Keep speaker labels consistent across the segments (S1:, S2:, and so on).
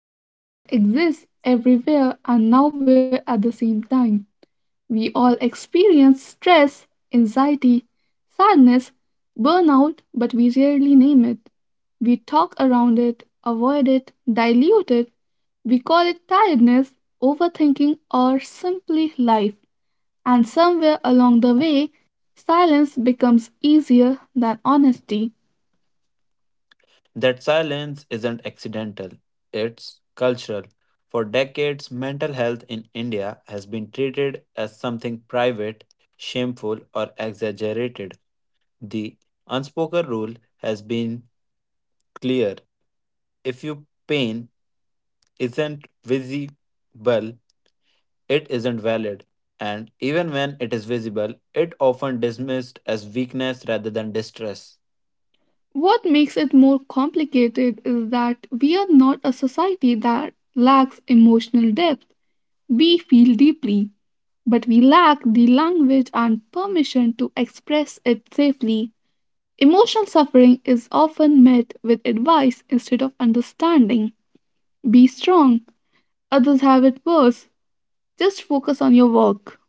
S1: India that exists everywhere and nowhere at the same time. We all experience stress, anxiety, sadness, burnout, but we rarely name it. We talk around it, avoid it, dilute it. We call it tiredness, overthinking, or simply life. And somewhere along the way, silence becomes easier than honesty.
S2: That silence isn't accidental, it's cultural. For decades, mental health in India has been treated as something private, shameful, or exaggerated. The unspoken rule has been clear if your pain isn't visible, it isn't valid. And even when it is visible, it often dismissed as weakness rather than distress.
S1: What makes it more complicated is that we are not a society that lacks emotional depth. We feel deeply, but we lack the language and permission to express it safely. Emotional suffering is often met with advice instead of understanding. Be strong, others have it worse. Just focus on your work.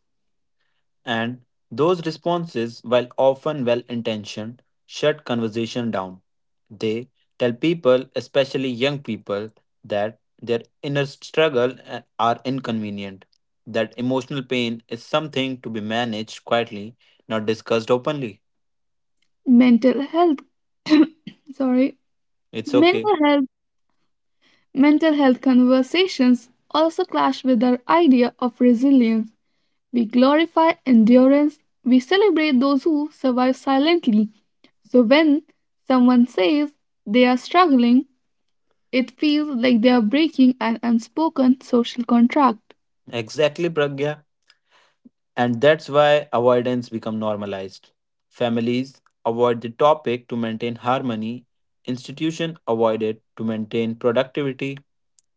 S2: And those responses, while often well intentioned, shut conversation down. They tell people, especially young people, that their inner struggle are inconvenient, that emotional pain is something to be managed quietly, not discussed openly.
S1: Mental health, sorry,
S2: It's okay.
S1: mental health, mental health conversations also clash with our idea of resilience. We glorify endurance. We celebrate those who survive silently. So when someone says they are struggling, it feels like they are breaking an unspoken social contract.
S2: Exactly, Pragya. And that's why avoidance become normalized. Families avoid the topic to maintain harmony. Institution avoid it to maintain productivity.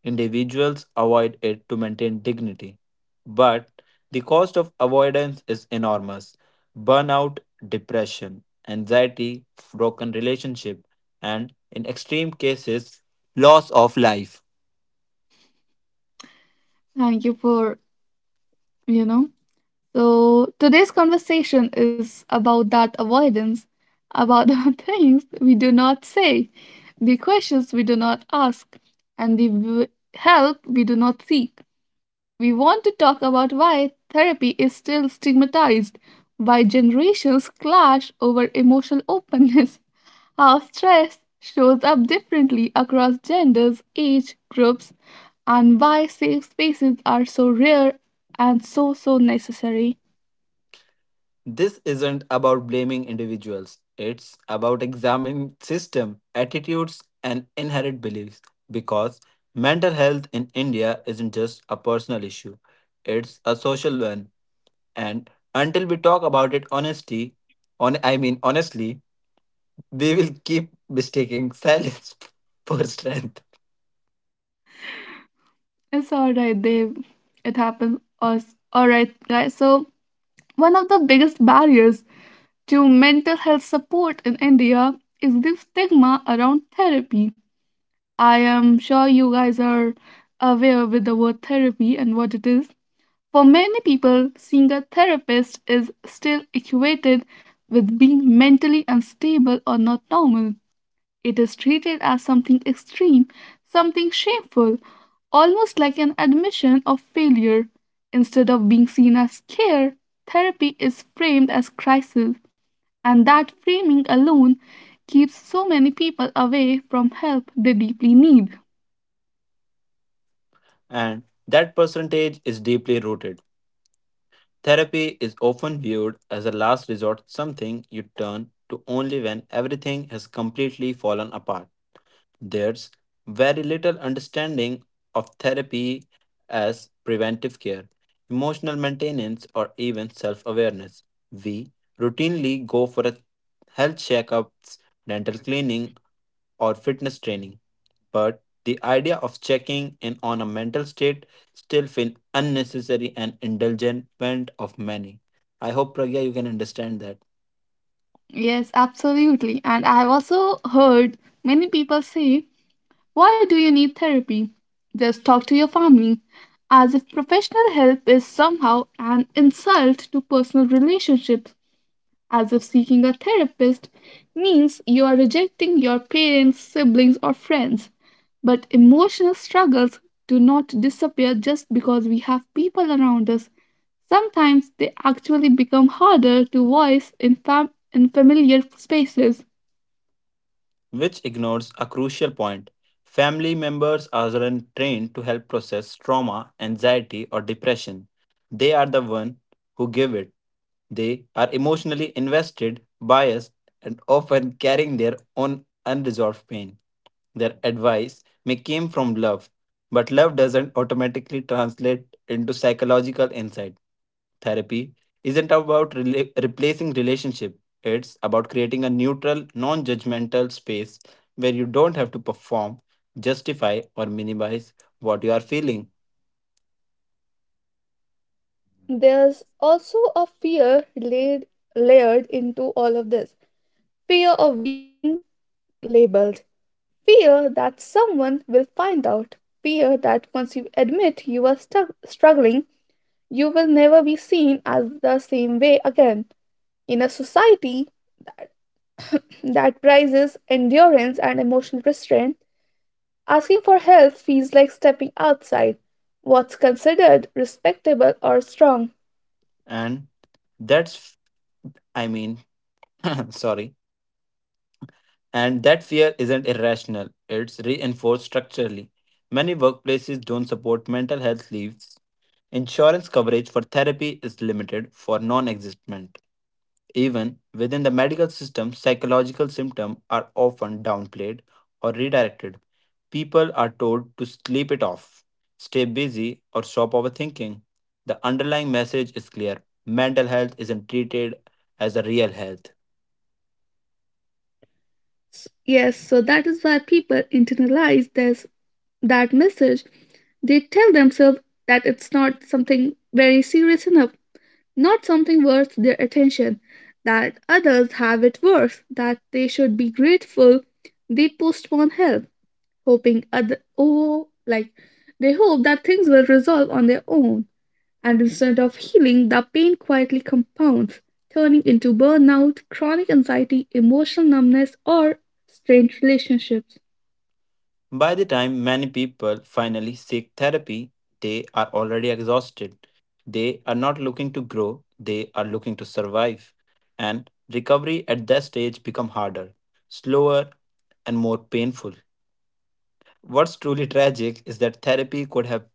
S2: Individuals avoid it to maintain dignity. But the cost of avoidance is enormous burnout, depression, anxiety, broken relationship, and in extreme cases, loss of life.
S1: Thank you for, you know. So today's conversation is about that avoidance, about the things we do not say, the questions we do not ask, and the help we do not seek. We want to talk about why therapy is still stigmatized, why generations clash over emotional openness, how stress shows up differently across genders, age groups, and why safe spaces are so rare and so necessary.
S2: This isn't about blaming individuals. It's about examining system, attitudes, and inherent beliefs because mental health in India isn't just a personal issue. It's a social one. And until we talk about it honesty, on I mean honestly, we will keep mistaking silence for strength.
S1: It's alright, Dave. It happens. Alright, guys. So one of the biggest barriers to mental health support in India is the stigma around therapy. I am sure you guys are aware with the word therapy and what it is. For many people, seeing a therapist is still equated with being mentally unstable or not normal. It is treated as something extreme, something shameful, almost like an admission of failure. Instead of being seen as care, therapy is framed as crisis, and that framing alone keeps so many people away from help they deeply need.
S2: And that percentage is deeply rooted. Therapy is often viewed as a last resort, something you turn to only when everything has completely fallen apart. There's very little understanding of therapy as preventive care, emotional maintenance, or even self awareness. We routinely go for a health checkups, dental cleaning, or fitness training, but the idea of checking in on a mental state still feels unnecessary and indulgent of many. I hope Pragya you can understand that.
S1: Yes, absolutely. And I have also heard many people say, why do you need therapy? Just talk to your family. As if professional help is somehow an insult to personal relationships. As if seeking a therapist means you are rejecting your parents, siblings, or friends. But emotional struggles do not disappear just because we have people around us. Sometimes they actually become harder to voice in, in familiar spaces.
S2: Which ignores a crucial point. Family members aren't trained to help process trauma, anxiety, or depression. They are the one who give it. They are emotionally invested, biased, and often carrying their own unresolved pain. Their advice may come from love, but love doesn't automatically translate into psychological insight. Therapy isn't about replacing relationship. It's about creating a neutral, non judgmental space where you don't have to perform, justify, or minimize what you are feeling.
S1: There's also a layered into all of this fear of being labeled, fear that someone will find out, fear that once you admit you are struggling, you will never be seen as the same way again. In a society that prizes endurance and emotional restraint, asking for help feels like stepping outside what's considered respectable or strong.
S2: And that's, I mean, sorry. And that fear isn't irrational, it's reinforced structurally. Many workplaces don't support mental health leaves. Insurance coverage for therapy is limited for non existent. Even within the medical system, psychological symptoms are often downplayed or redirected. People are told to sleep it off, stay busy, or stop overthinking. The underlying message is clear mental health isn't treated as a real health.
S1: Yes, so that is why people internalize this that message. They tell themselves that it's not something very serious enough, not something worth their attention, that others have it worse, that they should be grateful. They postpone help, hoping other oh like they hope that things will resolve on their own. And instead of healing, the pain quietly compounds, turning into burnout, chronic anxiety, emotional numbness, or strained relationships.
S2: By the time many people finally seek therapy, they are already exhausted. They are not looking to grow, they are looking to survive. And recovery at that stage become harder, slower and more painful. What's truly tragic is that therapy could have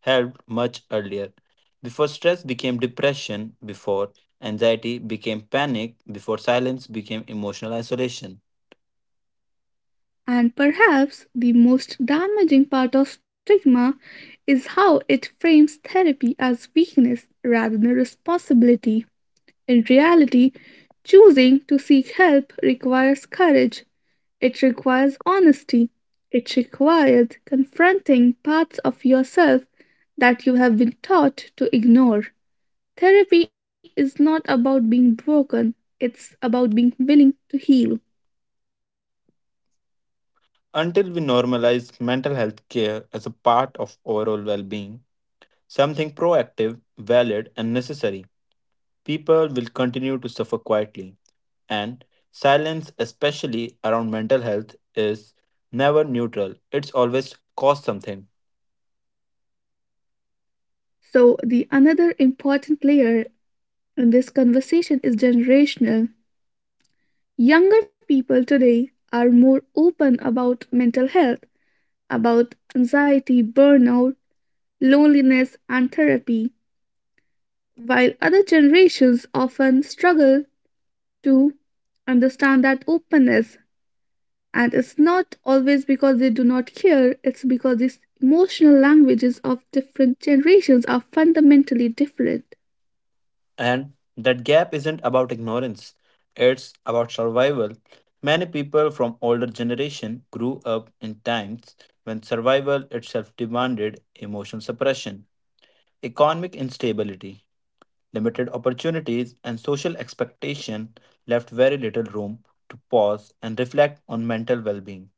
S2: helped much earlier. Before stress became depression, before anxiety became panic, before silence became emotional isolation.
S1: And perhaps the most damaging part of stigma is how it frames therapy as weakness rather than responsibility. In reality, choosing to seek help requires courage. It requires honesty. It requires confronting parts of yourself that you have been taught to ignore. Therapy is not about being broken, it's about being willing to heal.
S2: Until we normalize mental health care as a part of overall well being, something proactive, valid, and necessary, people will continue to suffer quietly. And silence, especially around mental health, is never neutral, it's always cost something.
S1: So, the another important layer in this conversation is generational. Younger people today are more open about mental health, about anxiety, burnout, loneliness, and therapy, while other generations often struggle to understand that openness, and it's not always because they do not care, it's because these emotional languages of different generations are fundamentally different.
S2: And that gap isn't about ignorance, it's about survival. Many people from older generation grew up in times when survival itself demanded emotional suppression. Economic instability, limited opportunities, and social expectation left very little room to pause and reflect on mental well being.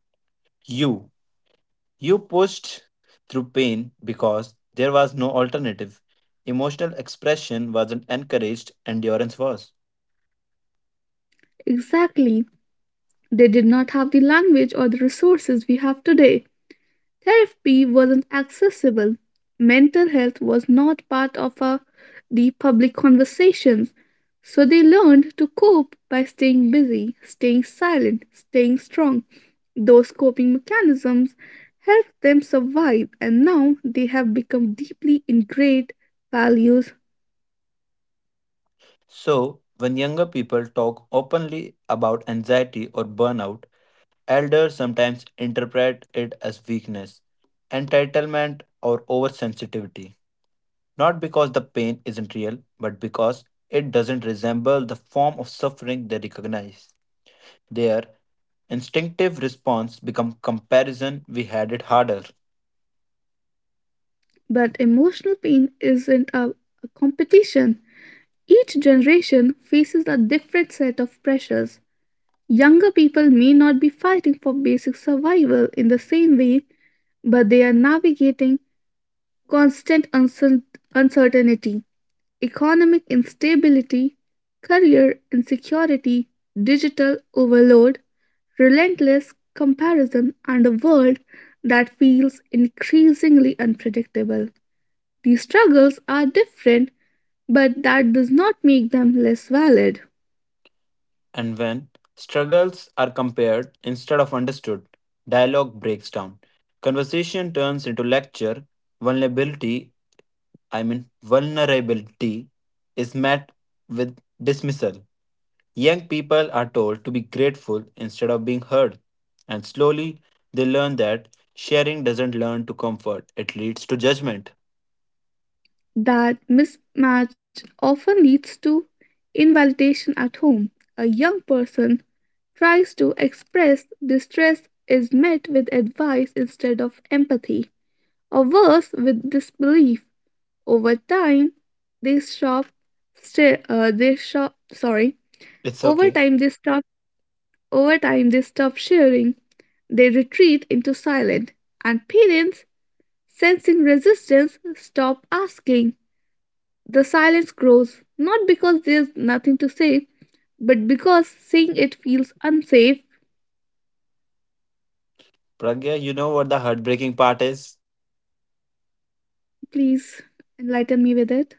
S2: You, you pushed through pain because there was no alternative. Emotional expression wasn't encouraged, endurance was.
S1: Exactly, they did not have the language or the resources we have today. Therapy wasn't accessible. Mental health was not part of the public conversations. So they learned to cope by staying busy, staying silent, staying strong. Those coping mechanisms helped them survive, and now they have become deeply ingrained values.
S2: So, when younger people talk openly about anxiety or burnout, elders sometimes interpret it as weakness, entitlement, or oversensitivity. Not because the pain isn't real, but because it doesn't resemble the form of suffering they recognize. Their instinctive response become comparison we had it harder.
S1: But emotional pain isn't a competition. Each generation faces a different set of pressures. Younger people may not be fighting for basic survival in the same way, but they are navigating constant uncertainty, economic instability, career insecurity, digital overload, relentless comparison, and a world that feels increasingly unpredictable. These struggles are different, but that does not make them less valid.
S2: And when struggles are compared instead of understood, dialogue breaks down. Conversation turns into lecture. Vulnerability, vulnerability is met with dismissal. Young people are told to be grateful instead of being heard. And slowly they learn that sharing doesn't learn to comfort, it leads to judgment.
S1: That mismatch often leads to invalidation at home. A young person tries to express distress is met with advice instead of empathy, or worse, with disbelief. Over time, they stop. St- they shop. Sorry.
S2: It's
S1: Over
S2: okay.
S1: time, they stop. Over time, they stop sharing. They retreat into silence, and parents, sensing resistance, stop asking. The silence grows not because there's nothing to say, but because saying it feels unsafe.
S2: Pragya, you know what the heartbreaking part is?
S1: Please enlighten me with it.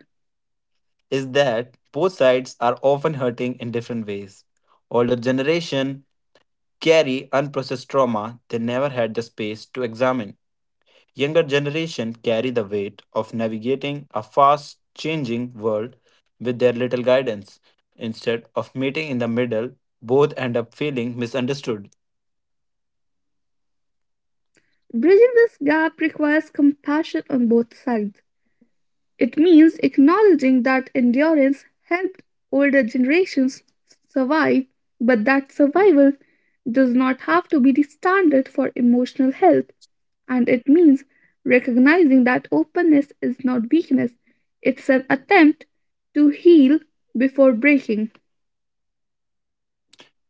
S2: Is that both sides are often hurting in different ways. Older generation carry unprocessed trauma they never had the space to examine. Younger generation carry the weight of navigating a fast changing world with their little guidance. Instead of meeting in the middle, both end up feeling misunderstood.
S1: Bridging this gap requires compassion on both sides. It means acknowledging that endurance helped older generations survive, but that survival does not have to be the standard for emotional health. And it means recognizing that openness is not weakness, it's an attempt to heal before breaking.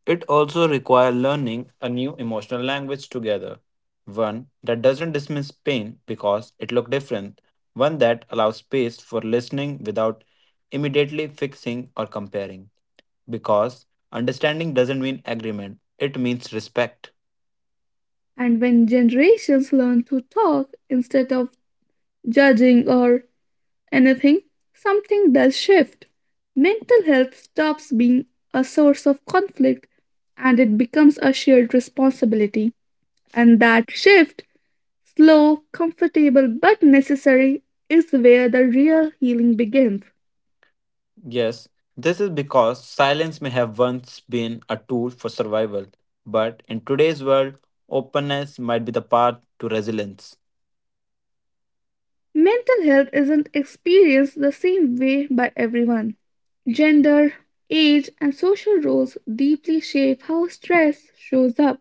S2: It also requires learning a new emotional language together, one that doesn't dismiss pain because it looks different, one that allows space for listening without immediately fixing or comparing. Because understanding doesn't mean agreement, it means respect.
S1: And when generations learn to talk instead of judging or anything, something does shift. Mental health stops being a source of conflict and it becomes a shared responsibility. And that shift, slow, comfortable, but necessary, is where the real healing begins.
S2: Yes, this is because silence may have once been a tool for survival, but in today's world, openness might be the path to resilience.
S1: Mental health isn't experienced the same way by everyone. Gender, age, and social roles deeply shape how stress shows up,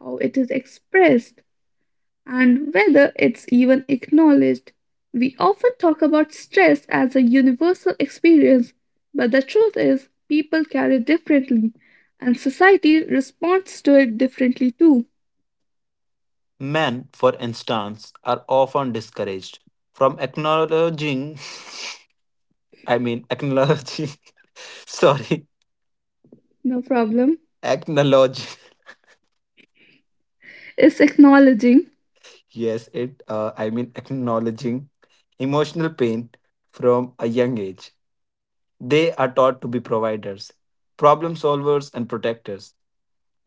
S1: how it is expressed, and whether it's even acknowledged. We often talk about stress as a universal experience, but the truth is, people carry it differently, and society responds to it differently too.
S2: Men, for instance, are often discouraged from I mean, acknowledging, sorry,
S1: No problem.
S2: acknowledging,
S1: It's acknowledging.
S2: yes, acknowledging emotional pain from a young age. They are taught to be providers, problem solvers, and protectors.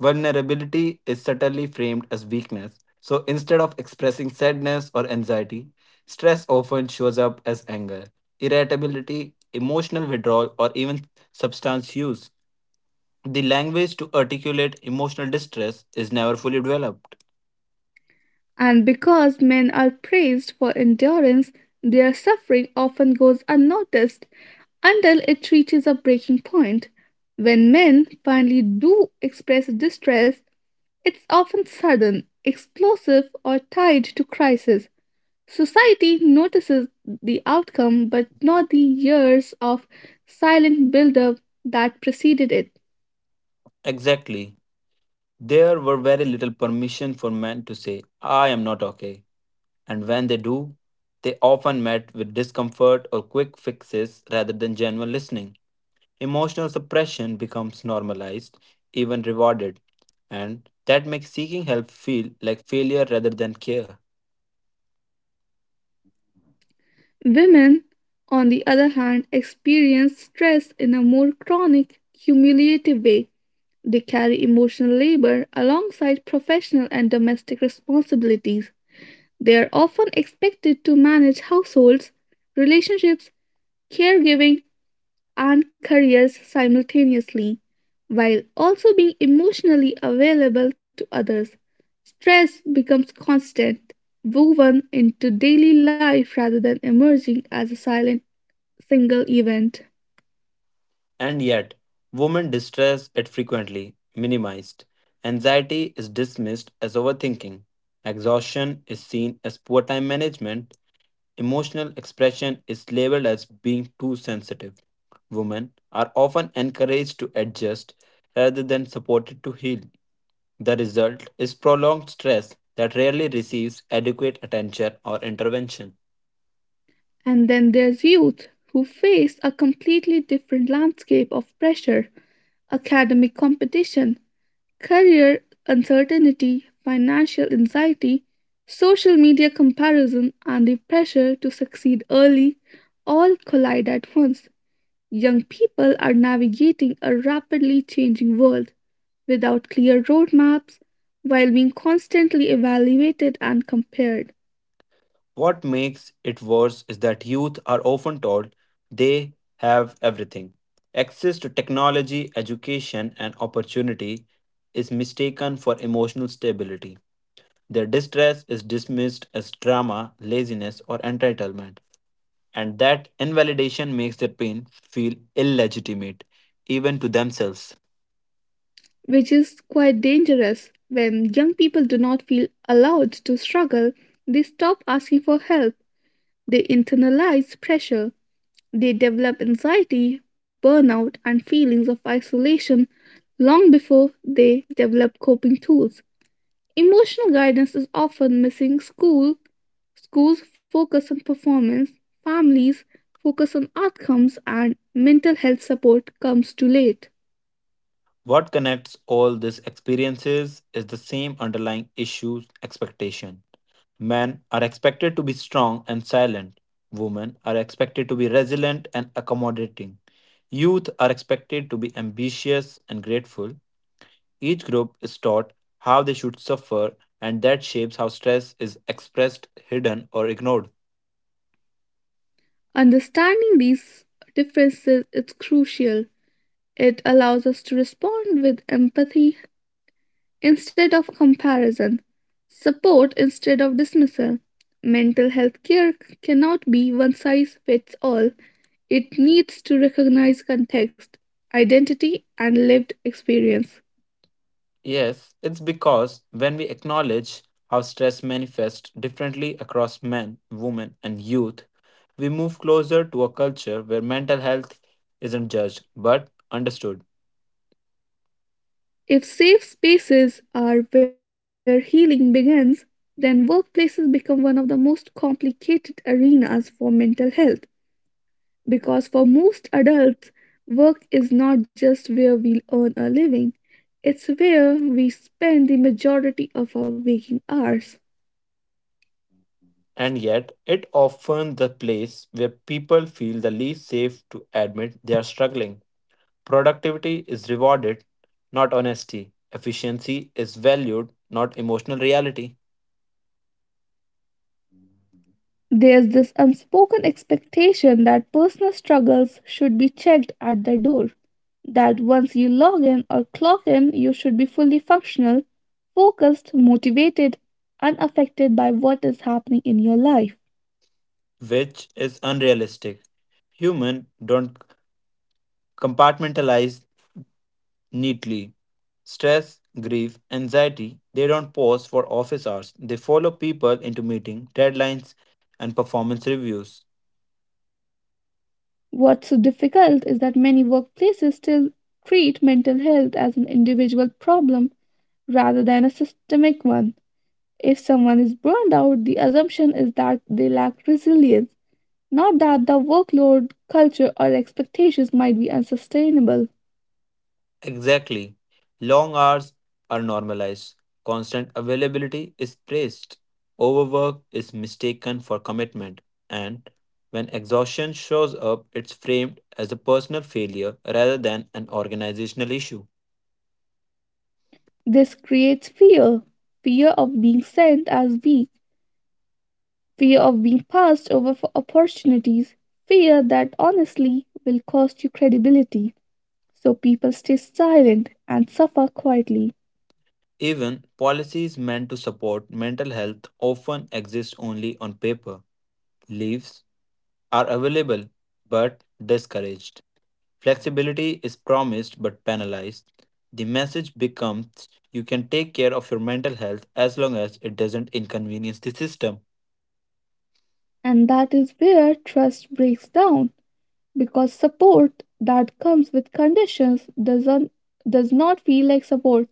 S2: Vulnerability is subtly framed as weakness, so instead of expressing sadness or anxiety, stress often shows up as anger, irritability, emotional withdrawal, or even substance use. The language to articulate emotional distress is never fully developed.
S1: And because men are praised for endurance, their suffering often goes unnoticed until it reaches a breaking point. When men finally do express distress, it's often sudden, explosive, or tied to crisis. Society notices the outcome but not the years of silent buildup that preceded it.
S2: Exactly. There were very little permission for men to say, I am not okay. And when they do, they often met with discomfort or quick fixes rather than genuine listening. Emotional suppression becomes normalized, even rewarded, and that makes seeking help feel like failure rather than care.
S1: Women, on the other hand, experience stress in a more chronic, cumulative way. They carry emotional labor alongside professional and domestic responsibilities. They are often expected to manage households, relationships, caregiving, and careers simultaneously, while also being emotionally available to others. Stress becomes constant, woven into daily life rather than emerging as a silent single event.
S2: And yet, women distress it frequently, minimized. Anxiety is dismissed as overthinking. Exhaustion is seen as poor time management, emotional expression is labeled as being too sensitive. Women are often encouraged to adjust rather than supported to heal. The result is prolonged stress that rarely receives adequate attention or intervention.
S1: And then there's youth, who face a completely different landscape of pressure. Academic competition, career uncertainty, financial anxiety, social media comparison, and the pressure to succeed early all collide at once. Young people are navigating a rapidly changing world without clear roadmaps while being constantly evaluated and compared,
S2: What makes it worse is that youth are often told they have everything. Access to technology, education, and opportunity is mistaken for emotional stability. Their distress is dismissed as drama, laziness, or entitlement, and that invalidation makes their pain feel illegitimate, even to themselves.
S1: which is quite dangerous. When young people do not feel allowed to struggle, they stop asking for help, they internalize pressure. They develop anxiety, burnout, and feelings of isolation long before they develop coping tools. Emotional guidance is often missing school. Schools focus on performance, families focus on outcomes, and mental health support comes too late.
S2: What connects all these experiences is the same underlying issues expectation. Men are expected to be strong and silent, women are expected to be resilient and accommodating. Youth are expected to be ambitious and grateful. Each group is taught how they should suffer, and that shapes how stress is expressed, hidden, or ignored.
S1: Understanding these differences is crucial. It allows us to respond with empathy instead of comparison, support instead of dismissal. Mental health care cannot be one size fits all, it needs to recognize context, identity, and lived experience.
S2: Yes, it's because when we acknowledge how stress manifests differently across men, women, and youth, we move closer to a culture where mental health isn't judged but understood.
S1: If safe spaces are where healing begins, then workplaces become one of the most complicated arenas for mental health. Because for most adults, work is not just where we earn a living, it's where we spend the majority of our waking hours.
S2: And yet, it often the place where people feel the least safe to admit they are struggling. Productivity is rewarded, not honesty. Efficiency is valued, not emotional reality,
S1: There's this unspoken expectation that personal struggles should be checked at the door, that once you log in or clock in, you should be fully functional, focused, motivated, unaffected by what is happening in your life.
S2: which is unrealistic. Human don't compartmentalize neatly. Stress, grief, anxiety, they don't pause for office hours. They follow people into meeting, deadlines, and performance reviews.
S1: What's so difficult is that many workplaces still treat mental health as an individual problem rather than a systemic one. If someone is burned out, the assumption is that they lack resilience, not that the workload, culture, or expectations might be unsustainable.
S2: Exactly. Long hours are normalized. Constant availability is praised. Overwork is mistaken for commitment. And when exhaustion shows up, it's framed as a personal failure rather than an organizational issue.
S1: This creates fear, fear of being sent as weak, fear of being passed over for opportunities, fear that honestly will cost you credibility. So people stay silent and suffer quietly.
S2: Even policies meant to support mental health often exist only on paper. Leaves are available but discouraged. Flexibility is promised but penalized. The message becomes you can take care of your mental health as long as it doesn't inconvenience the system.
S1: And that is where trust breaks down because support that comes with conditions doesn't does not feel like support.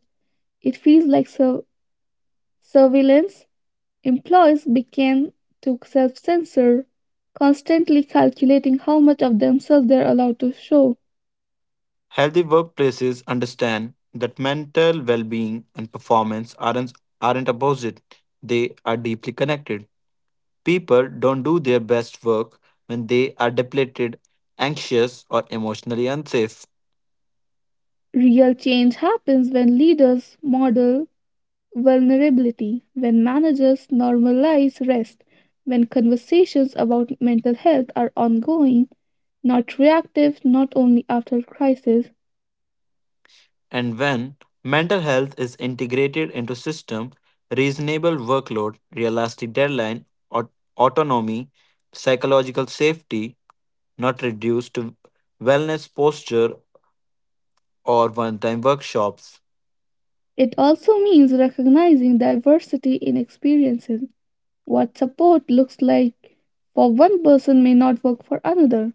S1: It feels like surveillance. Employees begin to self-censor, constantly calculating how much of themselves they're allowed to show.
S2: Healthy workplaces understand that mental well being and performance aren't opposite, they are deeply connected. People don't do their best work when they are depleted, anxious, or emotionally unsafe.
S1: Real change happens when leaders model vulnerability, when managers normalize rest, when conversations about mental health are ongoing, not reactive, not only after crisis.
S2: And when mental health is integrated into system, reasonable workload, realistic deadline, aut- autonomy, psychological safety, not reduced to wellness posture or one-time workshops.
S1: It also means recognizing diversity in experiences. What support looks like for one person may not work for another.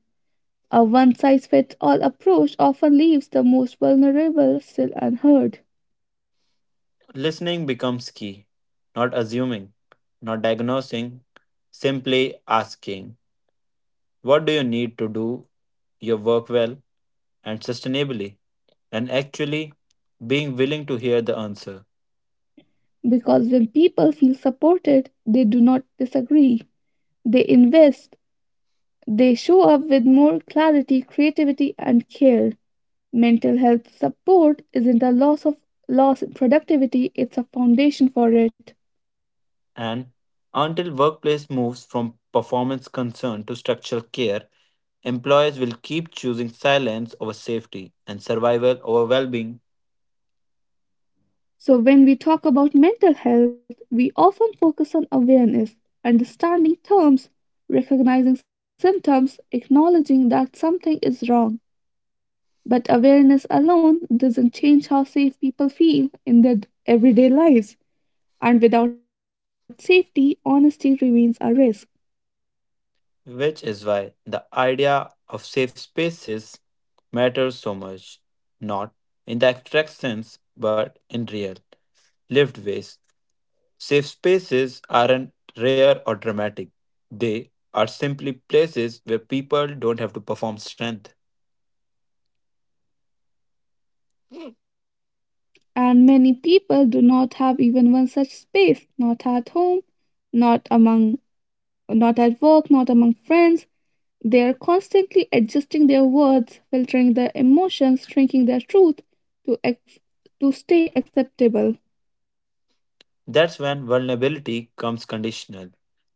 S1: A one size fits all approach often leaves the most vulnerable still unheard.
S2: Listening becomes key, not assuming, not diagnosing, simply asking, what do you need to do your work well? And sustainably, and actually being willing to hear the answer.
S1: Because when people feel supported, they do not disagree. They invest. They show up with more clarity, creativity, and care. Mental health support isn't a loss in productivity, it's a foundation for it.
S2: And until workplace moves from performance concern to structural care, employers will keep choosing silence over safety and survival over well-being,
S1: So when we talk about mental health, we often focus on awareness, understanding terms, recognizing symptoms, acknowledging that something is wrong. But awareness alone doesn't change how safe people feel in their everyday lives. And without safety, honesty remains a risk.
S2: which is why the idea of safe spaces matters so much, not in the abstract sense, but in real lived ways. Safe spaces aren't rare or dramatic. They are simply places where people don't have to perform strength.
S1: And many people do not have even one such space, not at home, not among not at work, not among friends. They are constantly adjusting their words, filtering their emotions, shrinking their truth to ex- to stay acceptable.
S2: That's when vulnerability comes conditional.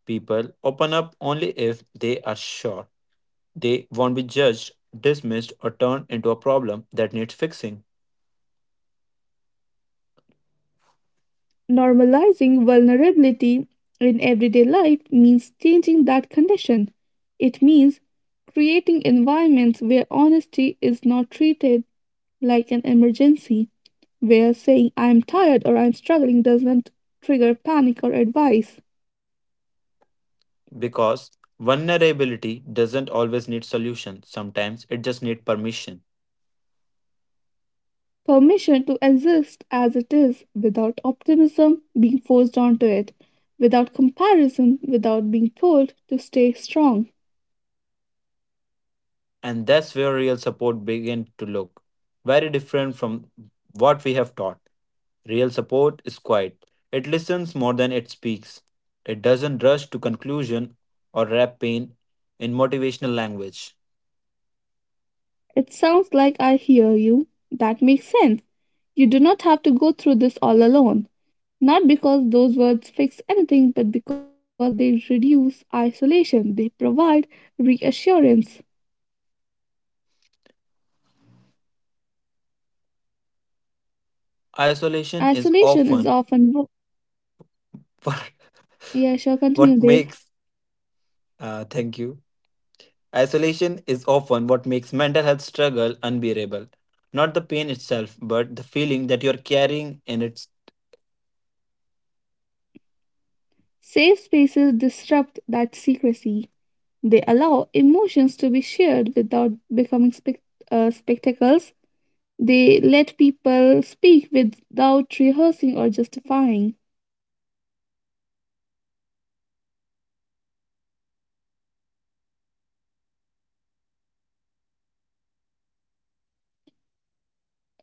S2: People open up only if they are sure they won't be judged, dismissed, or turned into a problem that needs fixing.
S1: Normalizing vulnerability in everyday life means changing that condition. It means creating environments where honesty is not treated like an emergency, where saying I'm tired or I'm struggling doesn't trigger panic or advice.
S2: Because vulnerability doesn't always need solution, sometimes it just needs permission.
S1: Permission to exist as it is, without optimism being forced onto it, without comparison, without being told to stay strong.
S2: And that's where real support began to look very different from what we have taught. Real support is quiet. It listens more than it speaks. It doesn't rush to conclusion or wrap pain in motivational language.
S1: It sounds like I hear you. That makes sense. You do not have to go through this all alone. Not because those words fix anything, but because they reduce isolation. They provide reassurance.
S2: Isolation is
S1: Isolation is
S2: often
S1: often.
S2: what
S1: Yeah, sure,
S2: what
S1: continue, Dave.
S2: makes thank you. Isolation is often what makes mental health struggle unbearable. Not the pain itself, but the feeling that you're carrying in it.
S1: Safe spaces disrupt that secrecy. They allow emotions to be shared without becoming spectacles. They let people speak without rehearsing or justifying.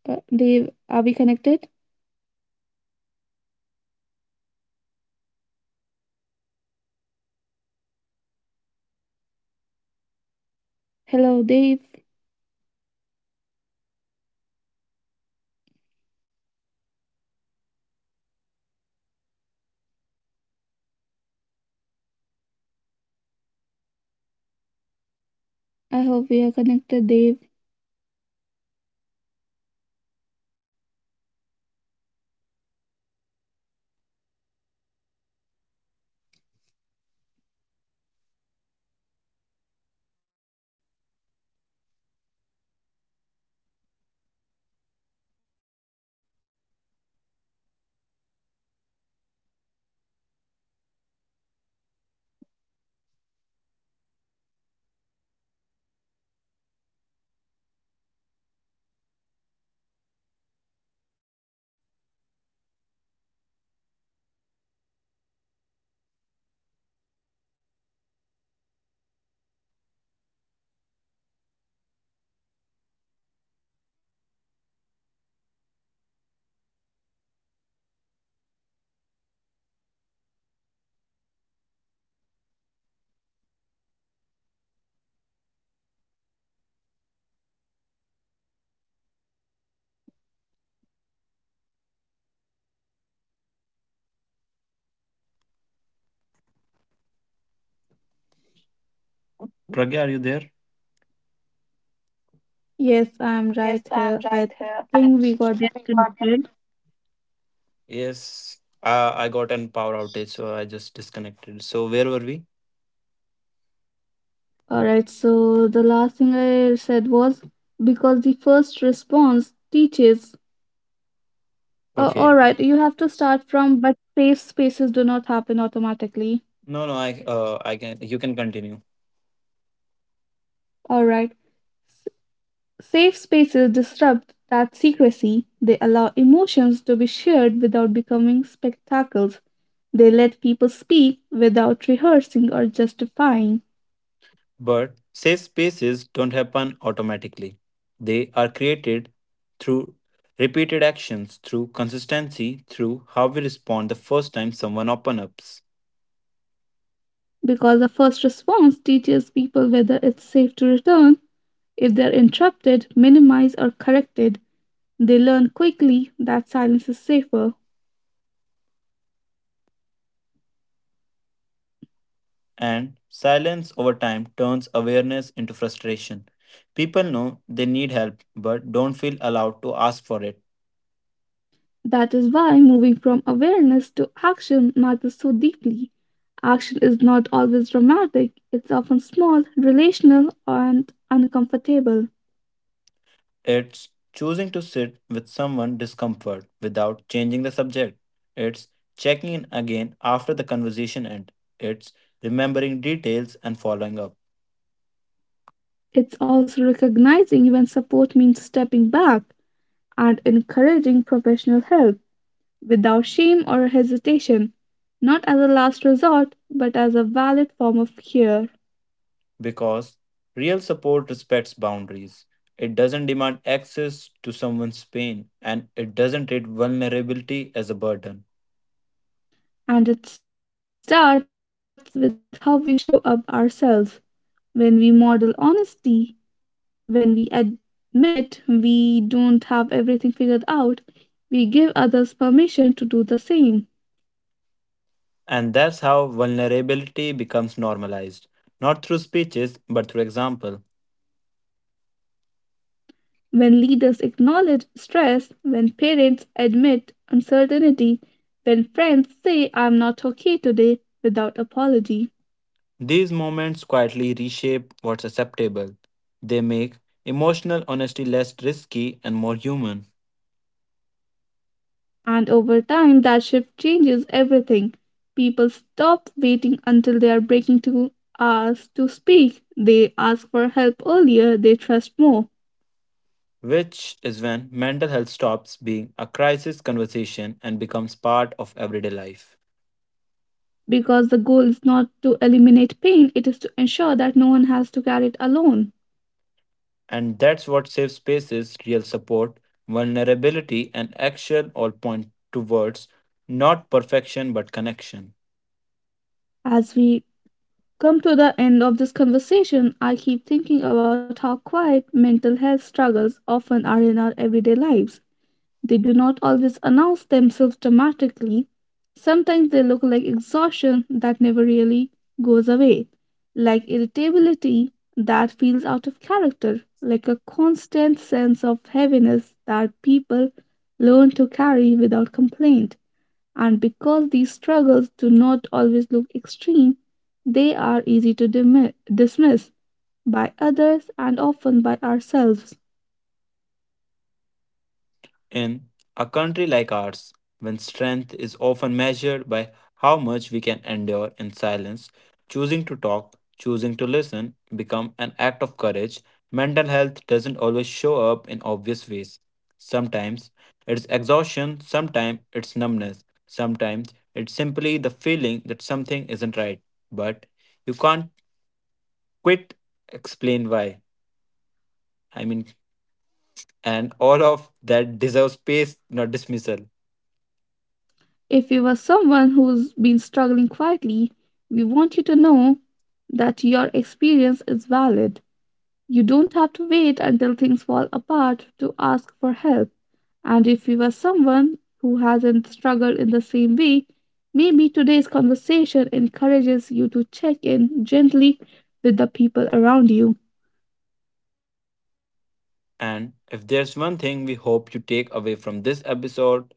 S1: Dave, are we connected? Hello, Dave. I hope we are connected, Dave.
S2: Pragya, are you there?
S1: Yes, I'm right here. I think we got disconnected.
S2: Yes, I got an power outage, so I just disconnected. So where were we?
S1: All right, so the last thing I said was because the first response teaches. All
S2: Okay.
S1: right, you have to start from, but safe spaces do not happen automatically.
S2: No, no, I can you can continue.
S1: All right, safe spaces disrupt that secrecy. They allow emotions to be shared without becoming spectacles. They let people speak without rehearsing or justifying.
S2: But safe spaces don't happen automatically. They are created through repeated actions, through consistency, through how we respond the first time someone open ups.
S1: Because the first response teaches people whether it's safe to return. If they're interrupted, minimized, or corrected, they learn quickly that silence is safer.
S2: And silence over time turns awareness into frustration. People know they need help but don't feel allowed to ask for it.
S1: That is why moving from awareness to action matters so deeply. Action is not always dramatic, it's often small, relational, and uncomfortable.
S2: It's choosing to sit with someone discomfort without changing the subject. It's checking in again after the conversation end. It's remembering details and following up
S1: It's also recognizing when support means stepping back and encouraging professional help without shame or hesitation, not as a last resort, but as a valid form of care.
S2: because real support respects boundaries. It doesn't demand access to someone's pain and it doesn't treat vulnerability as a burden.
S1: And it starts with how we show up ourselves. When we model honesty, when we admit we don't have everything figured out, we give others permission to do the same.
S2: And that's how vulnerability becomes normalized, not through speeches but through example.
S1: When leaders acknowledge stress, when parents admit uncertainty, when friends say, I'm not okay today, without apology.
S2: These moments quietly reshape what's acceptable. They make emotional honesty less risky and more human,
S1: And over time, that shift changes everything. People stop waiting until they are breaking to us to speak. They ask for help earlier, they trust more.
S2: which is when mental health stops being a crisis conversation and becomes part of everyday life.
S1: Because the goal is not to eliminate pain, it is to ensure that no one has to carry it alone.
S2: And that's what safe spaces, real support, vulnerability, and action all point towards not perfection but connection.
S1: As we come to the end of this conversation, I keep thinking about how quiet mental health struggles often are in our everyday lives. They do not always announce themselves dramatically. Sometimes they look like exhaustion that never really goes away, like irritability that feels out of character, like a constant sense of heaviness that people learn to carry without complaint. And because these struggles do not always look extreme, they are easy to dismiss by others and often by ourselves.
S2: In a country like ours, when strength is often measured by how much we can endure in silence, choosing to talk, choosing to listen become an act of courage. Mental health doesn't always show up in obvious ways. Sometimes it's exhaustion, sometimes it's numbness, sometimes it's simply the feeling that something isn't right. But you can't quit, explain why. I mean, and all of that deserves space, not dismissal.
S1: If you are someone who's been struggling quietly, we want you to know that your experience is valid. You don't have to wait until things fall apart to ask for help. And if you are someone who hasn't struggled in the same way, maybe today's conversation encourages you to check in gently with the people around you.
S2: And if there's one thing we hope you take away from this episode,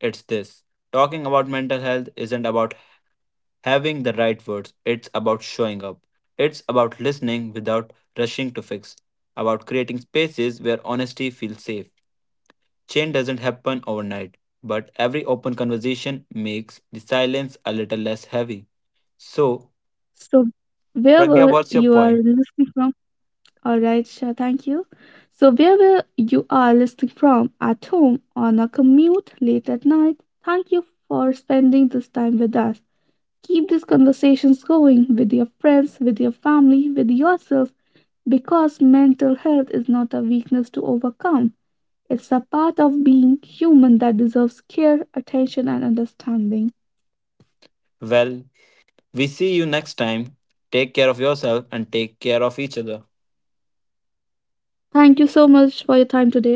S2: it's this. Talking about mental health isn't about having the right words, it's about showing up. It's about listening without rushing to fix, about creating spaces where honesty feels safe. Change doesn't happen overnight, but every open conversation makes the silence a little less heavy. So,
S1: So,
S2: Pragya,
S1: wherever
S2: what's your
S1: you are
S2: point?
S1: listening from. All right, sure, thank you. So, wherever you are listening from, at home, on a commute, late at night, thank you for spending this time with us. Keep these conversations going with your friends, with your family, with yourself, because mental health is not a weakness to overcome. It's a part of being human that deserves care, attention, and understanding.
S2: Well, we see you next time. Take care of yourself and take care of each other.
S1: Thank you so much for your time today.